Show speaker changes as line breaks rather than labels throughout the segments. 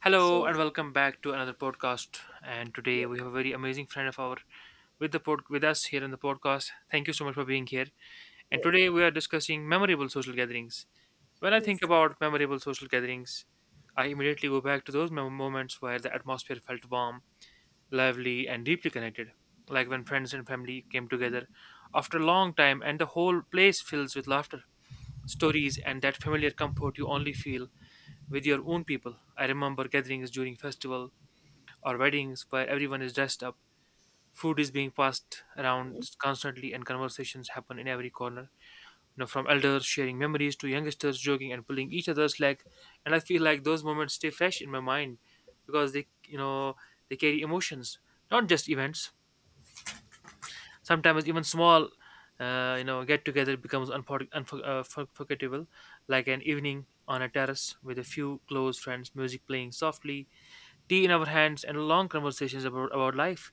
Hello
So
and welcome back to another podcast. And
yes,
today we have a very amazing friend of our with us here in the podcast. Thank you so much for being here. And
yes,
today we are discussing memorable social gatherings. When I think
yes.
about memorable social gatherings, I immediately go back to those moments where the atmosphere felt warm, lively, and deeply connected, like when friends and family came together after a long time and the whole place fills with laughter, stories, and that familiar comfort you only feel with your own people. I remember gatherings during festival or weddings where everyone is dressed up. Food is being passed around constantly, and conversations happen in every corner. From elders sharing memories to youngsters joking and pulling each other's leg. And I feel like those moments stay fresh in my mind because they they carry emotions, not just events. Sometimes even small, get together becomes forgettable, like an evening on a terrace with a few close friends, music playing softly, tea in our hands, and long conversations about life,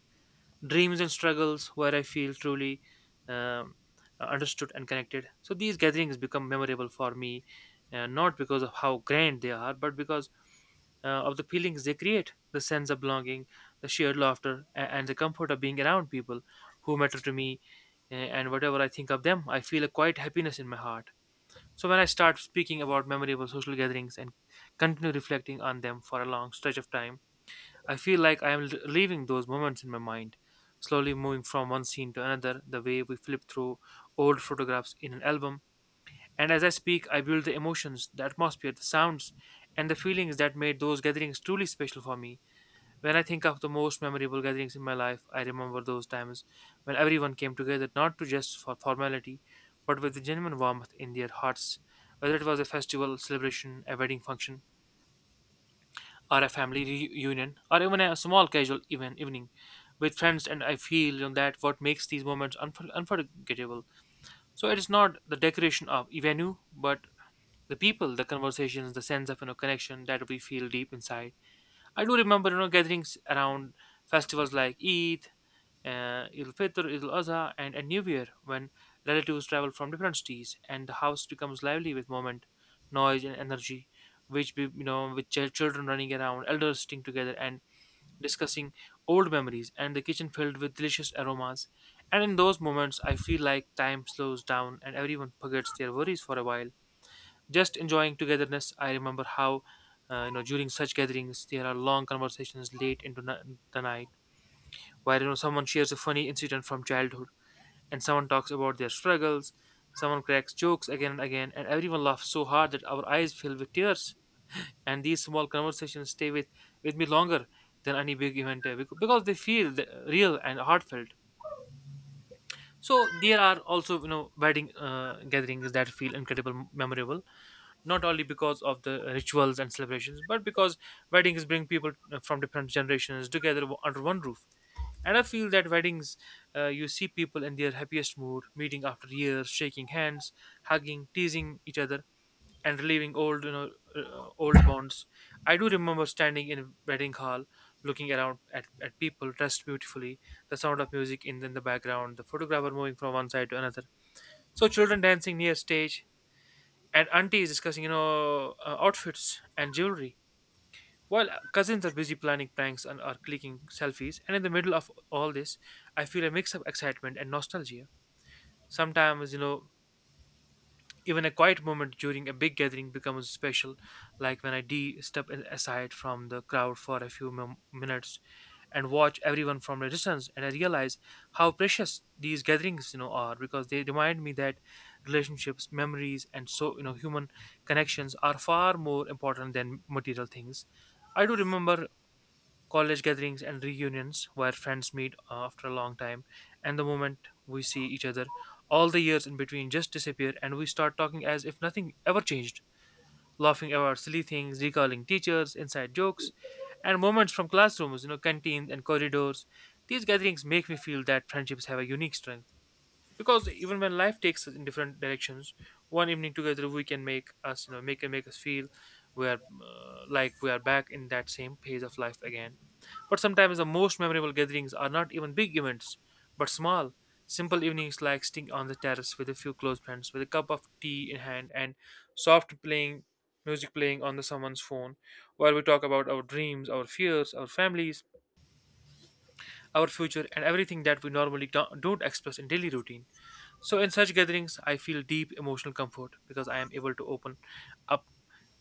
dreams and struggles where I feel truly um, understood and connected. So these gatherings become memorable for me, not because of how grand they are, but because of the feelings they create, the sense of belonging, the shared laughter, and the comfort of being around people who matter to me. And whatever I think of them, I feel a quiet happiness in my heart. So when I start speaking about memorable social gatherings and continue reflecting on them for a long stretch of time, I feel like I am leaving those moments in my mind, slowly moving from one scene to another, the way we flip through old photographs in an album. And as I speak, I build the emotions, the atmosphere, the sounds, and the feelings that made those gatherings truly special for me. When I think of the most memorable gatherings in my life, I remember those times when everyone came together not to just for formality, but with a genuine warmth in their hearts, whether it was a festival, celebration, a wedding function, or a family reunion, or even a small casual evening with friends. And I feel, that what makes these moments unforgettable, so it is not the decoration of a venue but the people, the conversations, the sense of, connection that we feel deep inside. I do remember, gatherings around festivals like Eid, Eid Fitr, Eid al, and a New Year, when relatives travel from different cities and the house becomes lively with movement, noise, and energy, which be, you know with children running around, elders sitting together and discussing old memories, and the kitchen filled with delicious aromas. And in those moments, I feel like time slows down and everyone forgets their worries for a while, just enjoying togetherness. I remember how. During such gatherings, there are long conversations late into the night where, someone shares a funny incident from childhood, and someone talks about their struggles, someone cracks jokes again and again and everyone laughs so hard that our eyes fill with tears. And these small conversations stay with me longer than any big event, because they feel real and heartfelt. So there are also, wedding gatherings that feel incredible memorable, not only because of the rituals and celebrations but because weddings bring people, from different generations together under one roof. And I feel that weddings, you see people in their happiest mood, meeting after years, shaking hands, hugging, teasing each other, and relieving old, old bonds. I do remember standing in a wedding hall, looking around at people dressed beautifully, the sound of music in the background, the photographer moving from one side to another. So children dancing near stage, and aunties discussing, outfits and jewelry. While cousins are busy planning pranks and are clicking selfies, and in the middle of all this, I feel a mix of excitement and nostalgia. Sometimes, even a quiet moment during a big gathering becomes special, like when I de step aside from the crowd for a few minutes and watch everyone from a distance, and I realize how precious these gatherings, are, because they remind me that relationships, memories, and human connections are far more important than material things. I do remember college gatherings and reunions where friends meet after a long time, and the moment we see each other, all the years in between just disappear and we start talking as if nothing ever changed, laughing about silly things, recalling teachers, inside jokes, and moments from classrooms, canteens and corridors. These gatherings make me feel that friendships have a unique strength, because even when life takes us in different directions, one evening together we can make us, make us feel we are like we are back in that same phase of life again. But sometimes the most memorable gatherings are not even big events, but small, simple evenings like sitting on the terrace with a few close friends, with a cup of tea in hand and soft playing music playing on the someone's phone, while we talk about our dreams, our fears, our families, our future, and everything that we normally don't express in daily routine. So in such gatherings, I feel deep emotional comfort because I am able to open up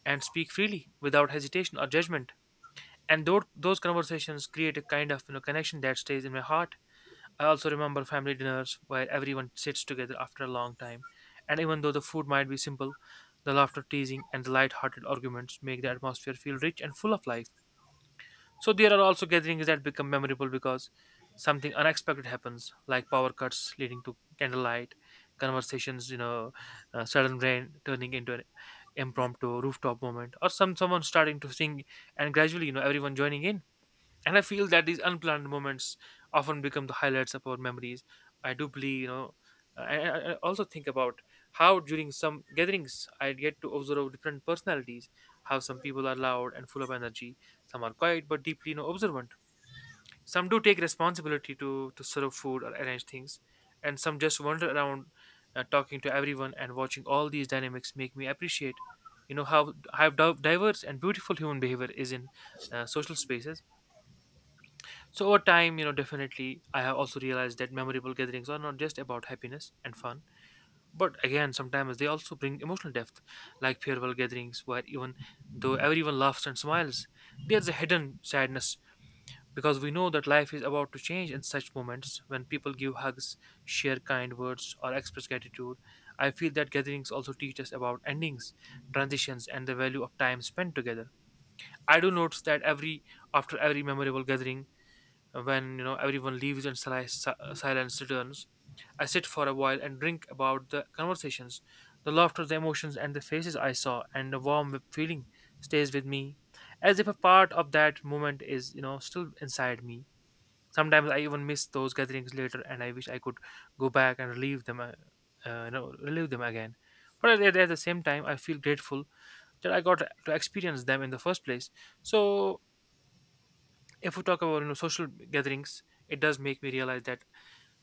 and speak freely without hesitation or judgment, and those conversations create a kind of, connection that stays in my heart. I also remember family dinners where everyone sits together after a long time, and even though the food might be simple, the laughter, teasing, and the light-hearted arguments make the atmosphere feel rich and full of life. So there are also gatherings that become memorable because something unexpected happens, like power cuts leading to candlelight conversations, sudden rain turning into an impromptu rooftop moment, or someone starting to sing, and gradually, everyone joining in. And I feel that these unplanned moments often become the highlights of our memories. I do believe you know I also think about how during some gatherings I get to observe different personalities. How some people are loud and full of energy, some are quiet but deeply, observant. Some do take responsibility to serve food or arrange things, and some just wander around, talking to everyone. And watching all these dynamics make me appreciate, how diverse and beautiful human behavior is in social spaces. So over time, definitely I have also realized that memorable gatherings are not just about happiness and fun, but again, sometimes they also bring emotional depth, like farewell gatherings where even though everyone laughs and smiles, there's a hidden sadness because we know that life is about to change. In such moments when people give hugs, share kind words, or express gratitude, I feel that gatherings also teach us about endings, transitions, and the value of time spent together. I do notice that every after every memorable gathering, when, everyone leaves and silence returns, I sit for a while and drink about the conversations, the laughter, the emotions, and the faces I saw, and a warm feeling stays with me, as if a part of that moment is, still inside me. Sometimes I even miss those gatherings later, and I wish I could go back and relive them, relive them again. But at the same time, I feel grateful that I got to experience them in the first place. So, if we talk about, social gatherings, it does make me realize that,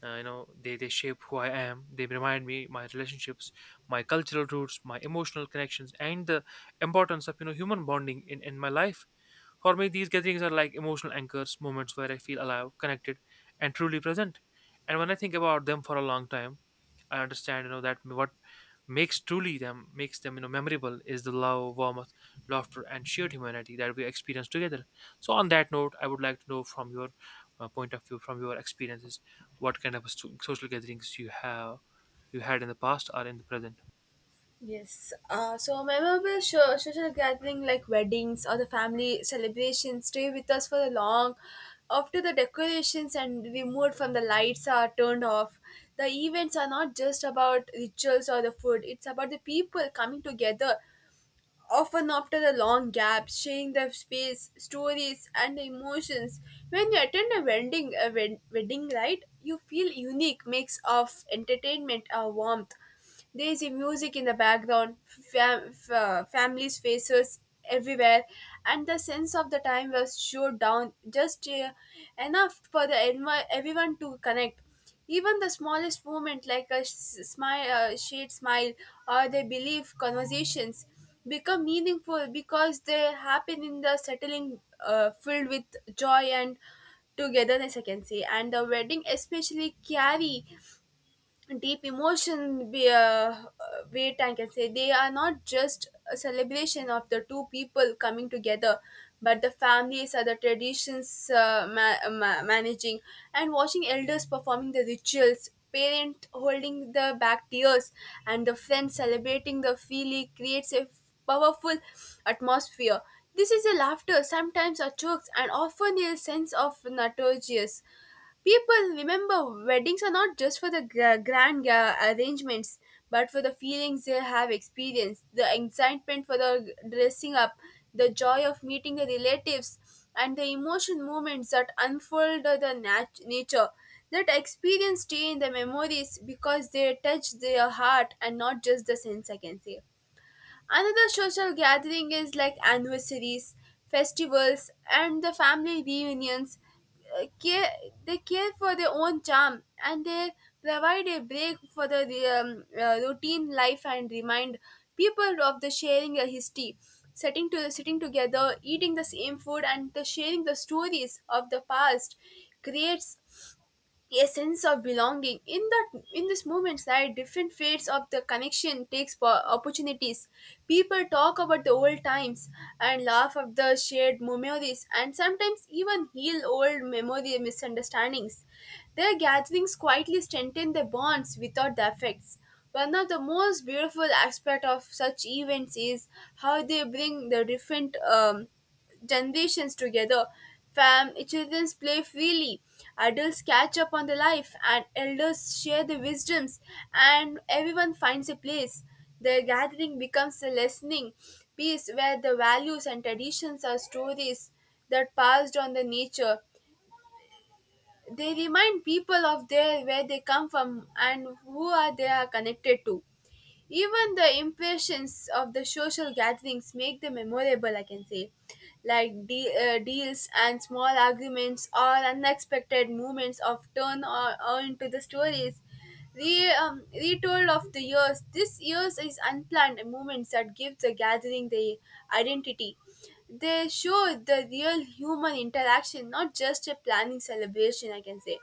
they shape who I am, they remind me my relationships, my cultural roots, my emotional connections, and the importance of, human bonding in my life. For me these gatherings are like emotional anchors, moments where I feel alive, connected, and truly present. And when I think about them for a long time, I understand, that what makes them, memorable is the love, warmth, laughter, and shared humanity that we experience together. So on that note, I would like to know from your point of view, from your experiences, what kind of social gatherings you have, you had in the past or in the present.
Yes. So memorable social gathering like weddings or the family celebrations stay with us for the long. After the decorations and removed from the lights are turned off, the events are not just about rituals or the food. It's about the people coming together, often after the long gaps, sharing their space, stories, and the emotions. When you attend a wedding, a wedding, right, you feel unique mix of entertainment or warmth. There is a music in the background, families' faces everywhere, and the sense of the time was slowed down just enough for the everyone to connect. Even the smallest moment, like a shade smile, or they believe conversations, become meaningful because they happen in the settling filled with joy and togetherness, I can say. And the wedding especially carry deep emotion weight, I can say. They are not just a celebration of the two people coming together, but the families are the traditions managing and watching elders performing the rituals, parent holding the back tears, and the friends celebrating the feeling creates a powerful atmosphere. This is a laughter, sometimes a chokes, and often a sense of nostalgia. People remember weddings are not just for the grand arrangements, but for the feelings they have experienced, the excitement for the dressing up, the joy of meeting the relatives, and the emotion moments that unfold the nature. That experience stay in the memories because they touch their heart and not just the sense, I can say. Another social gathering is like anniversaries, festivals, and the family reunions. Care, they care for their own charm and they provide a break for the routine life and remind people of the sharing a history. Sitting to sitting together, eating the same food, and the sharing the stories of the past creates a sense of belonging in that, in this moments, right? Different fates of the connection takes opportunities. People talk about the old times and laugh of the shared memories and sometimes even heal old memory misunderstandings. Their gatherings quietly strengthen the bonds without the effects. One of the most beautiful aspects of such events is how they bring the different generations together. Fam, children play freely, adults catch up on the life, and elders share the wisdoms, and everyone finds a place. The gathering becomes a listening piece where the values and traditions are stories that passed on the nature. They remind people of there where they come from and who are they are connected to. Even the impressions of the social gatherings make them memorable, I can say. Like deals and small arguments or unexpected movements of turn or into the stories. Retold of the years. This years is unplanned moments that give the gathering the identity. They show the real human interaction, not just a planning celebration, I can say.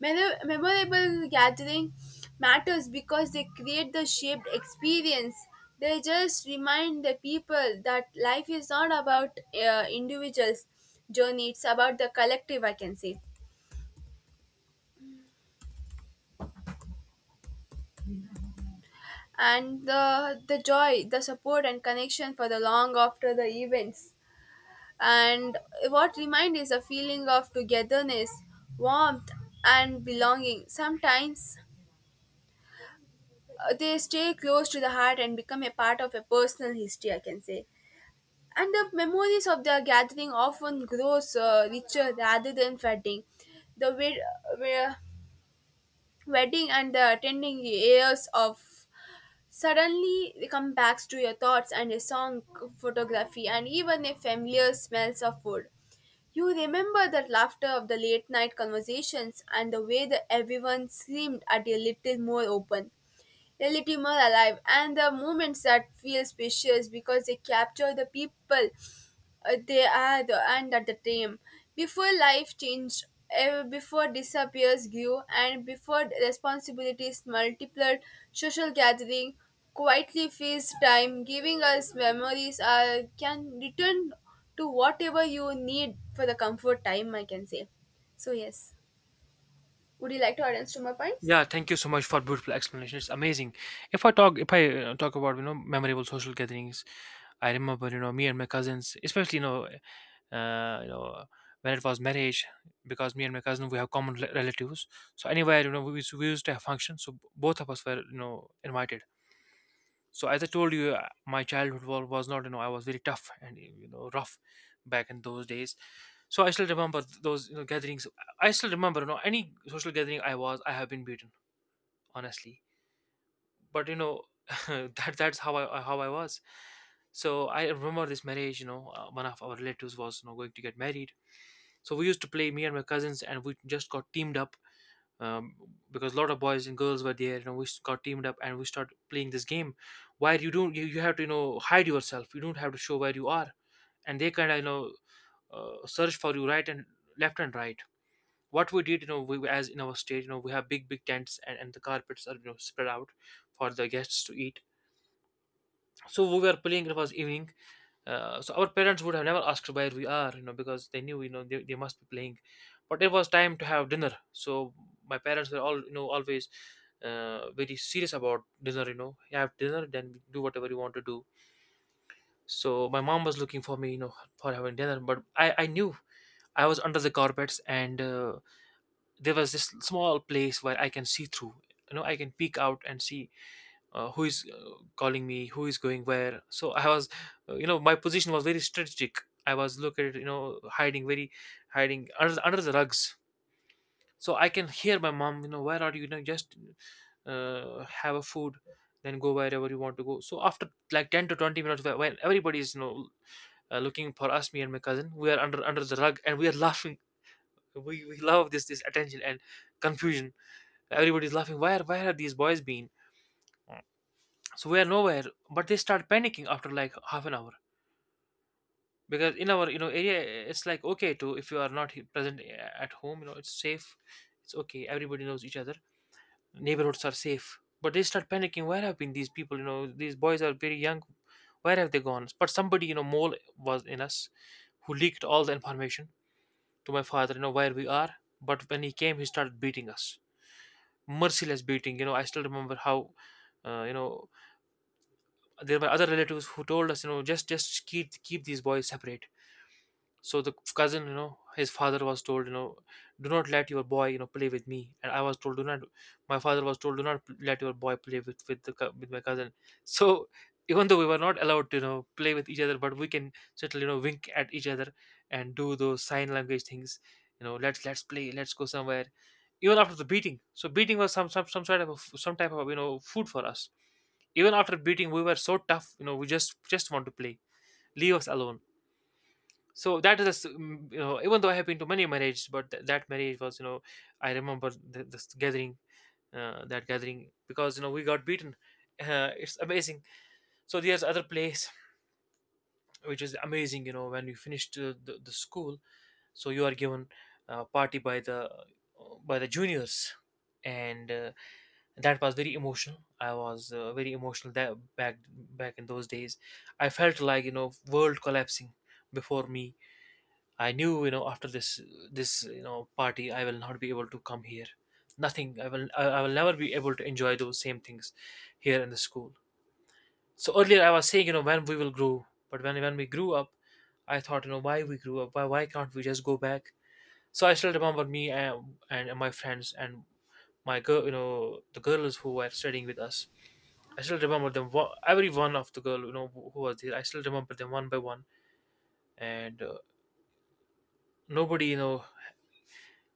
Memorable gathering matters because they create the shaped experience. They just remind the people that life is not about individuals' journey; it's about the collective, I can say, and the joy, the support, and connection for the long after the events. And what remind is a feeling of togetherness, warmth, and belonging. Sometimes they stay close to the heart and become a part of a personal history, I can say. And the memories of their gathering often grows richer rather than fading. The wed- wedding and the attending years of suddenly come back to your thoughts and a song, photography, and even a familiar smells of food. You remember the laughter of the late night conversations and the way that everyone seemed at a little more open, relative more alive, and the moments that feel specious because they capture the people they are the and at the time before life changed, eh, before disappears grew and before responsibilities multiplied. Social gathering quietly fills time giving us memories can return to whatever you need for the comfort time, I can say. So yes, would you like to add on to my points?
Yeah, thank you so much for beautiful explanation. It's amazing. If I talk about memorable social gatherings, I remember me and my cousins, especially, when it was marriage, because me and my cousin we have common relatives. So anywhere we used to have functions, so both of us were invited. So as I told you, my childhood was not, I was very tough and rough back in those days. So I still remember those gatherings. I still remember, any social gathering I was, I have been beaten honestly. But that's how I was. So I remember this marriage. One of our relatives was going to get married. So we used to play, me and my cousins, and we just got teamed up, um, because a lot of boys and girls were there. We got teamed up and we started playing this game where you don't you, you have to hide yourself. You don't have to show where you are, and they kind of, search for you right and left and right. What we did, we, as in our state, we have big big tents, and the carpets are spread out for the guests to eat. So we were playing, it was evening. So our parents would have never asked where we are, because they knew, they must be playing. But it was time to have dinner, so my parents were, all always very serious about dinner. You have dinner, then do whatever you want to do. So my mom was looking for me, for having dinner, but I knew I was under the carpets, and there was this small place where I can see through. You know, I can peek out and see who is calling me, who is going where. So I was, you know, My position was very strategic. I was located, hiding, under, the rugs. So I can hear my mom, you know, where are you? Just have a food, then go wherever you want to go. So after like 10 to 20 minutes, when everybody is, looking for us, me and my cousin, we are under the rug and we are laughing. We love this attention and confusion. Everybody's laughing. Where have these boys been? So we are nowhere. But they start panicking after like half an hour, because in our, area, it's like okay to, if you are not present at home, it's safe, it's okay. Everybody knows each other. Neighborhoods are safe. But they start panicking. Where have been these people? These boys are very young. Where have they gone? But somebody, mole was in us, who leaked all the information to my father, where we are. But when he came, he started beating us, merciless beating. I still remember how, uh, you know there were other relatives who told us, just keep these boys separate. So the cousin, his father was told, do not let your boy, play with me. And I was told, do not. My father was told, do not let your boy play with the cou- with my cousin. So even though we were not allowed to, play with each other, but we can certainly, wink at each other and do those sign language things. Let's play, let's go somewhere. Even after the beating, so beating was some sort of a f some type of, food for us. Even after beating we were so tough, we just want to play. Leave us alone. So that is a s- mm, you know Even though I have been to many marriages, but that marriage was, I remember the, this gathering that gathering, because we got beaten. It's amazing. So there's other place, which is amazing. You know, when you finished, the school, so you are given a party by the, juniors. And that was very emotional. I was, very emotional that, back in those days I felt like, world collapsing before me. I knew, after this party, I will not be able to come here. Nothing. I will never be able to enjoy those same things here in the school. So earlier I was saying, you know, when we will grow, but when we grew up, I thought, you know, why we grew up? Why can't we just go back? So I still remember me, and my friends, and my girl, you know, the girls who were studying with us. I still remember them. Every one of the girl, who was there, I still remember them one by one. And nobody,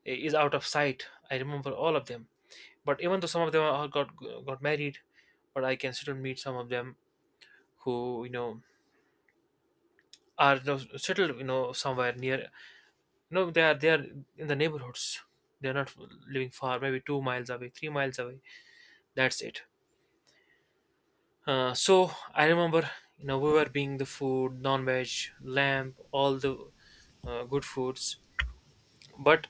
is out of sight. I remember all of them. But even though some of them all got married, but I can still meet some of them who, are, settled somewhere near. They are in the neighborhoods. They are not living far, maybe 2 miles away, 3 miles away. That's it. So I remember, we were being the food, non-veg, lamb, all the good foods. But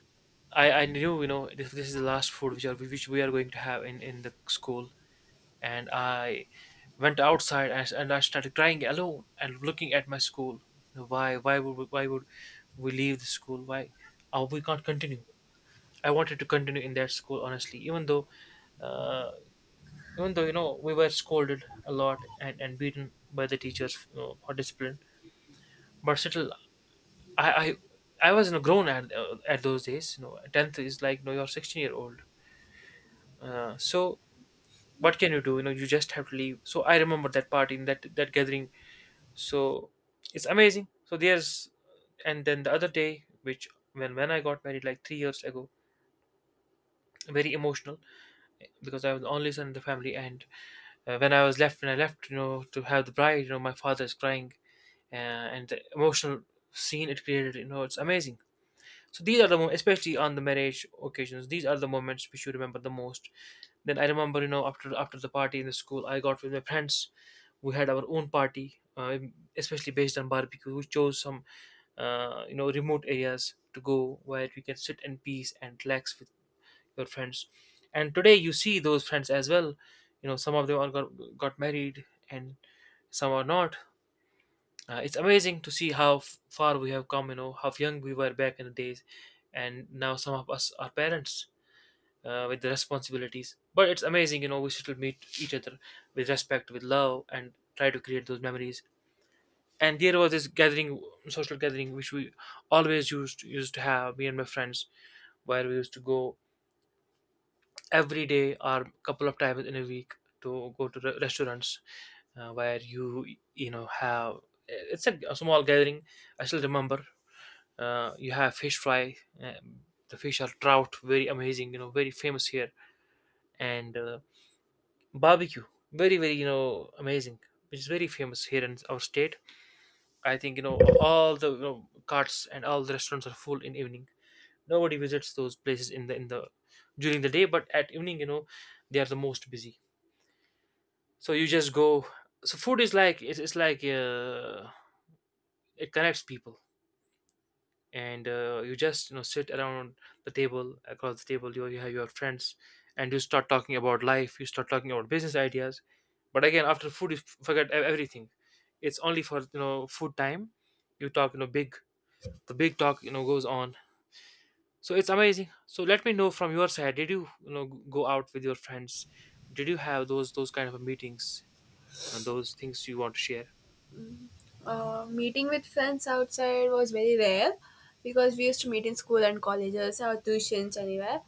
I knew, this is the last food which we are going to have in the school. And I went outside, and I started crying alone and looking at my school. Why would we leave the school? Why Oh, we can't continue? I wanted to continue in that school honestly, even though uh, we were scolded a lot, and beaten by the teachers, for discipline, but still I I, I was, grown at those days. You know, tenth is like, you know, you're 16-year old. So what can you do? You know, you just have to leave. So I remember that party, in that gathering. So it's amazing. So there's And then the other day, which when I got married, like 3 years ago, very emotional, because I was the only son in the family, and when I left, to have the bride, my father is crying. And the emotional scene it created, it's amazing. So these are the moments, especially on the marriage occasions, these are the moments which you remember the most. Then I remember, after the party in the school, I got with my friends. We had our own party, especially based on barbecue. We chose some remote areas to go, where you can sit in peace and relax with your friends. And today you see those friends as well. Some of them got married, and some are not. It's amazing to see how far we have come, how young we were back in the days, and now some of us are parents, with the responsibilities. But it's amazing, we still meet each other with respect, with love, and try to create those memories. And there was this gathering, social gathering, which we always used to have, me and my friends, where we used to go every day or couple of times in a week, to go to restaurants, where you know have, it's a small gathering. I still remember, you have fish fry, uh, the fish are trout, very amazing, very famous here. And barbecue, very very, amazing, which is very famous here in our state. I think, all the, carts and all the restaurants are full in evening. Nobody visits those places in the during the day, but at evening, they are the most busy. So you just go. So food is like, it's like, it connects people, and you just sit around the table, across the table. You have your friends, and you start talking about life. You start talking about business ideas. But again, after food, you forget everything. It's only for, food time. You talk, big. The big talk goes on. So it's amazing. So let me know from your side. Did you, go out with your friends? Did you have those kind of meetings and those things you want to share?
Meeting with friends outside was very rare because we used to meet in school and colleges or tuitions anywhere.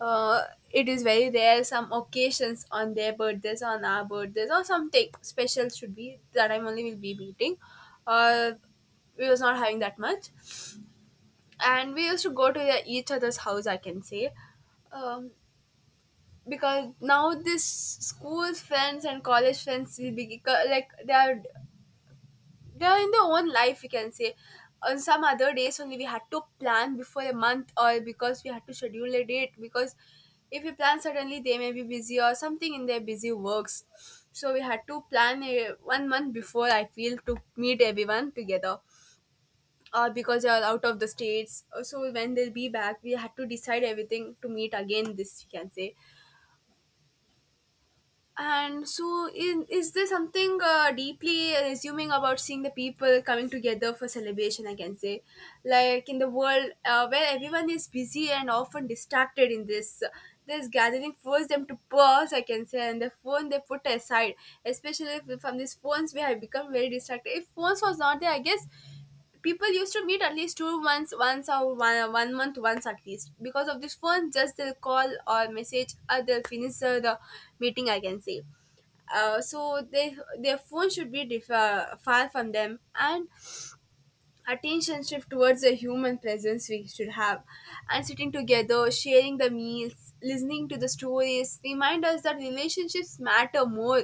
Uh, it is very rare. Some occasions on their birthdays, on our birthdays, or something special should be, that time only we'll be meeting. Uh, we was not having that much, and we used to go to each other's house, I can say. Um, because now this school friends and college friends will be like they are, they're in their own life, we can say. On some other days only we had to plan before a month, or because we had to schedule a date, because if we plan suddenly they may be busy or something in their busy works. So we had to plan a, 1 month before, I feel, to meet everyone together. Uh, because they are out of the states, so when they'll be back, we had to decide everything to meet again, this we can say. And so, in, is there something deeply resuming about seeing the people coming together for celebration? I can say, like in the world where everyone is busy and often distracted, in this gathering forces them to pause, I can say, and the phone they put aside, especially if, from these phones we have become very distracted. If phones was not there, I guess people used to meet at least 2 months once or 1 month once at least, because of this phone just they'll call or message or they'll finish the meeting, I can say. Uh, so they, their phone should be far from them and attention shift towards the human presence we should have. And sitting together, sharing the meals, listening to the stories remind us that relationships matter more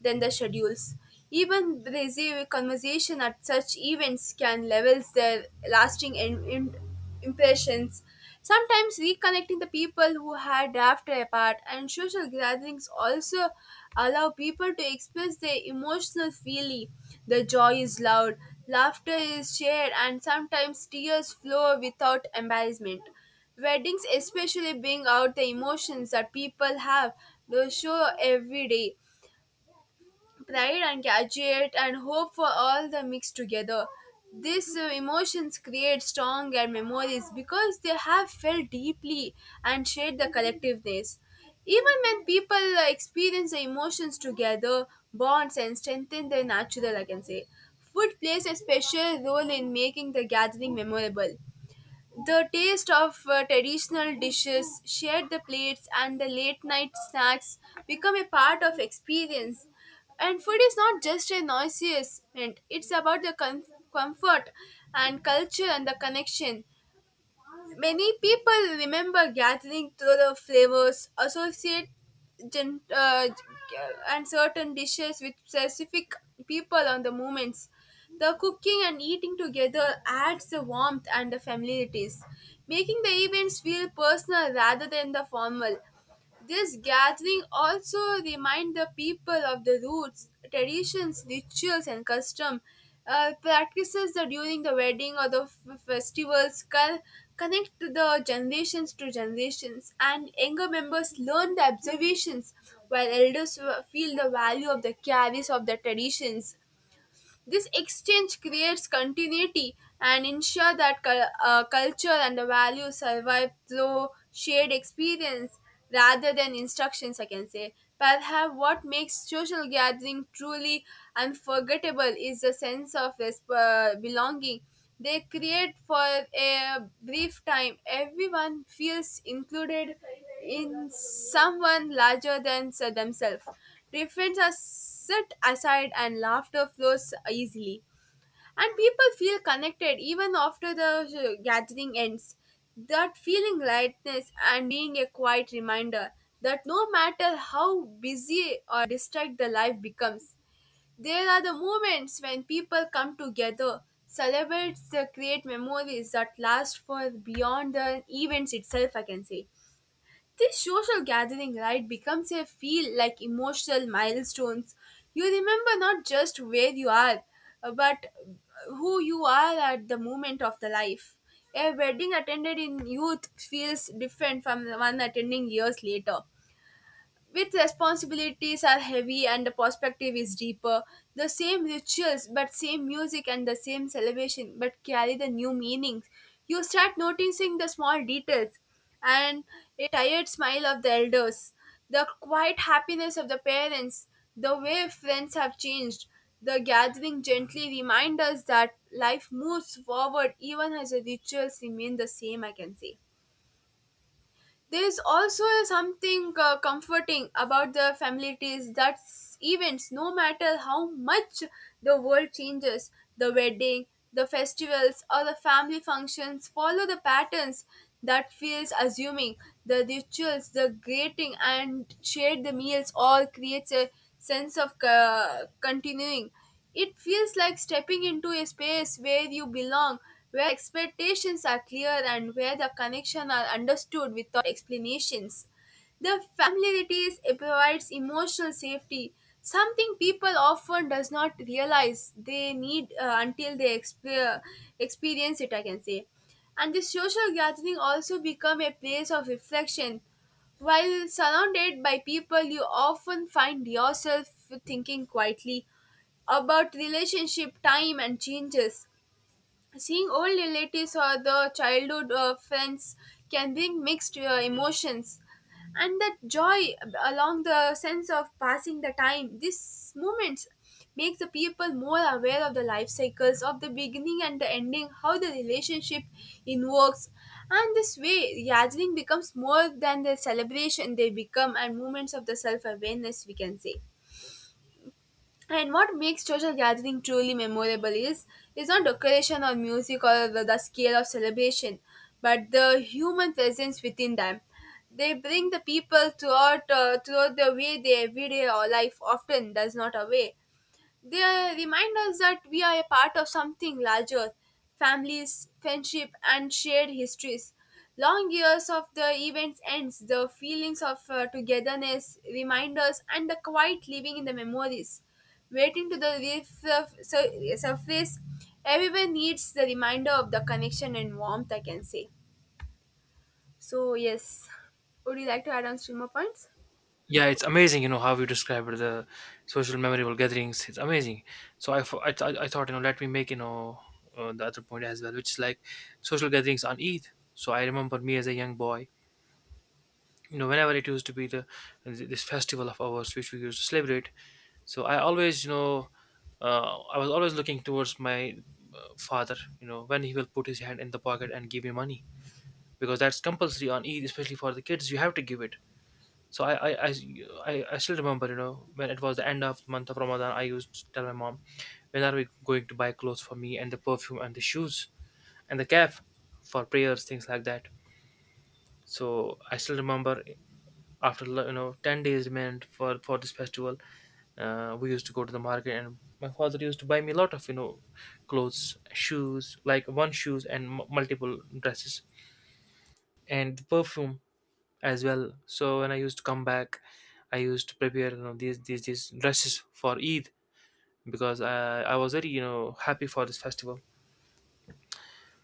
than the schedules. Even basic conversation at such events can levels their lasting impressions. Sometimes reconnecting the people who had drifted apart, and social gatherings also allow people to express their emotional feeling. The joy is loud, laughter is shared, and sometimes tears flow without embarrassment. Weddings especially bring out the emotions that people have to show every day, pride and graduate and hope for all the mixed together. These emotions create stronger memories because they have felt deeply and shared the collectiveness. Even when people experience the emotions together, bonds and strengthen their natural, I can say. Food plays a special role in making the gathering memorable. The taste of traditional dishes, shared the plates, and the late night snacks become a part of experience. And food is not just a noisiest, it's about the comfort and culture and the connection. Many people remember gathering through the flavors, associate gen- uh, and certain dishes with specific people and the moments. The cooking and eating together adds the warmth and the familiarities, making the events feel personal rather than the formal. This gathering also remind the people of the roots, traditions, rituals, and custom practices that during the wedding or the festivals connect the generations to generations, and younger members learn the observations, while elders feel the value of the carries of the traditions. This exchange creates continuity and ensure that culture and the values survive through shared experience rather than instructions, I can say. Perhaps what makes social gathering truly unforgettable is the sense of belonging. They create for a brief time. Everyone feels included in someone larger than themselves. Differences are set aside and laughter flows easily. And people feel connected even after the gathering ends. That feeling lightness and being a quiet reminder that no matter how busy or distracted the life becomes, there are the moments when people come together, celebrate, the create memories that last for beyond the events itself, I can say. This social gathering, right, becomes a feel like emotional milestones. You remember not just where you are, but who you are at the moment of the life. A wedding attended in youth feels different from the one attending years later. With responsibilities are heavy and the perspective is deeper, the same rituals but same music and the same celebration but carry the new meanings. You start noticing the small details and a tired smile of the elders, the quiet happiness of the parents, the way friends have changed. The gathering gently reminds us that life moves forward even as the rituals remain the same, I can say. There's also something comforting about the families that events, no matter how much the world changes, the wedding, the festivals, or the family functions follow the patterns that feels assuming. The rituals, the greeting, and shared the meals all creates a sense of continuing. It feels like stepping into a space where you belong, where expectations are clear and where the connections are understood without explanations. The familiarity provides emotional safety, something people often does not realize they need until they experience it, I can say. And the social gathering also become a place of reflection. While surrounded by people, you often find yourself thinking quietly about relationship, time, and changes. Seeing old relatives or the childhood friends can bring mixed emotions, and that joy along the sense of passing the time. These moments make the people more aware of the life cycles of the beginning and the ending, how the relationship in works, and this way gathering becomes more than the celebration. They become and moments of the self awareness, we can say. And what makes social gathering truly memorable is not decoration or music or the scale of celebration, but the human presence within them. They bring the people throughout the way their everyday or life often does not away. They remind us that we are a part of something larger: families, friendship, and shared histories. Long years of the events ends, the feelings of togetherness, reminders, and the quiet living in the memories. Waiting to the surface, everyone needs the reminder of the connection and warmth, I can say. So, yes. Would you like to add on streamer points?
Yeah, it's amazing. You know how you described the social memorable gatherings. It's amazing. So I, fo- I, th- I thought let me make the other point as well, which is like social gatherings on Eid. So I remember me as a young boy. You know, whenever it used to be the this festival of ours which we used to celebrate. So I always I was always looking towards my father, you know, when he will put his hand in the pocket and give me money because that's compulsory on Eid, especially for the kids. You have to give it. So I, I, I, I still remember, you know, when it was the end of the month of Ramadan, I used to tell my mom, when are we going to buy clothes for me and the perfume and the shoes and the cap for prayers, things like that. So I still remember after, you know, 10 days remained for this festival. We used to go to the market and my father used to buy me a lot of clothes, shoes, like one shoes and multiple dresses and perfume as well. So when I used to come back, I used to prepare these dresses for Eid because I was very happy for this festival.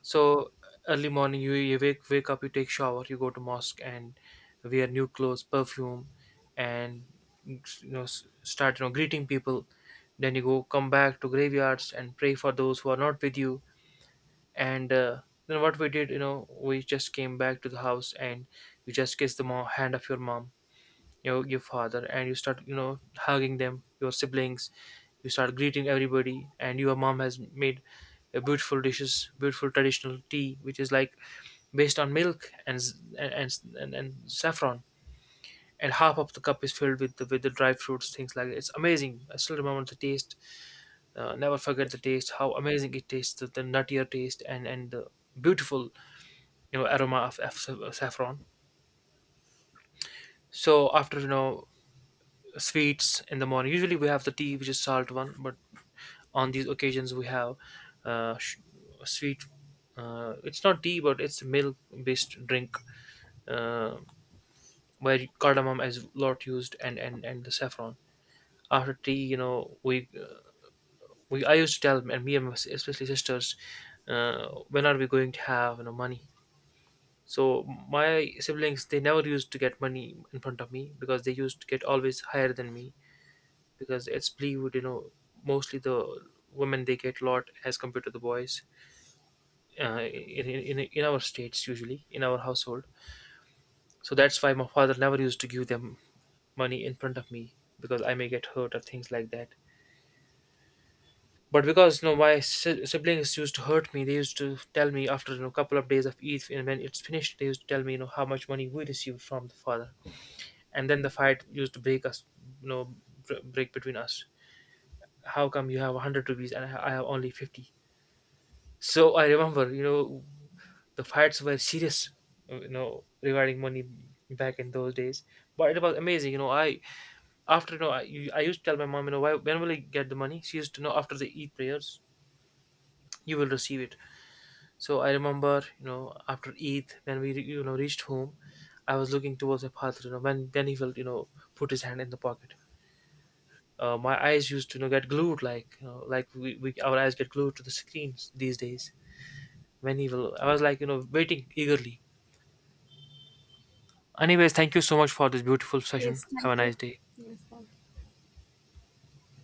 So early morning, you wake up, you take shower, you go to mosque and wear new clothes, perfume, and you know start greeting people. Then you go come back to graveyards and pray for those who are not with you. And Then what we did, you know, we just came back to the house and you just kiss the mom hand of your mom, your father, and you start hugging them, your siblings. You start greeting everybody, and your mom has made a beautiful dishes, beautiful traditional tea, which is like based on milk and and saffron. And half of the cup is filled with with the dry fruits, things like that. It's amazing. I still remember the taste. Never forget the taste. How amazing it tastes. The nuttier taste and the beautiful aroma of saffron. So after sweets in the morning, usually we have the tea, which is salt one, but on these occasions we have uh, sh- sweet. It's not tea, but it's milk-based drink. Uh, where cardamom as lot used and the saffron. After tea, we I used to tell and me and my especially sisters, when are we going to have money? So my siblings, they never used to get money in front of me because they used to get always higher than me because it's believed, you know, mostly the women, they get lot as compared to the boys, in our states, usually in our household. So that's why my father never used to give them money in front of me because I may get hurt or things like that. But because, you know, my siblings used to hurt me, they used to tell me after, you know, a couple of days of Eid, and when it's finished, they used to tell me, you know, how much money we received from the father, and then the fight used to break us, you know, break between us. How come you have 100 rupees and I have only 50? So I remember, you know, the fights were serious, you know, regarding money back in those days. But it was amazing, you know. I after, you know, I used to tell my mom, you know, why, when will I get the money? She used to know after the Eid prayers, you will receive it. So I remember, you know, after Eid, when we, you know, reached home, I was looking towards my father, you know, when then he will, you know, put his hand in the pocket. My eyes used to, you know, get glued, like, you know, like we, our eyes get glued to the screens these days. When he will, I was like, you know, waiting eagerly. Anyways, thank you so much for this beautiful session.
Yes,
Have a
thank you.
nice day.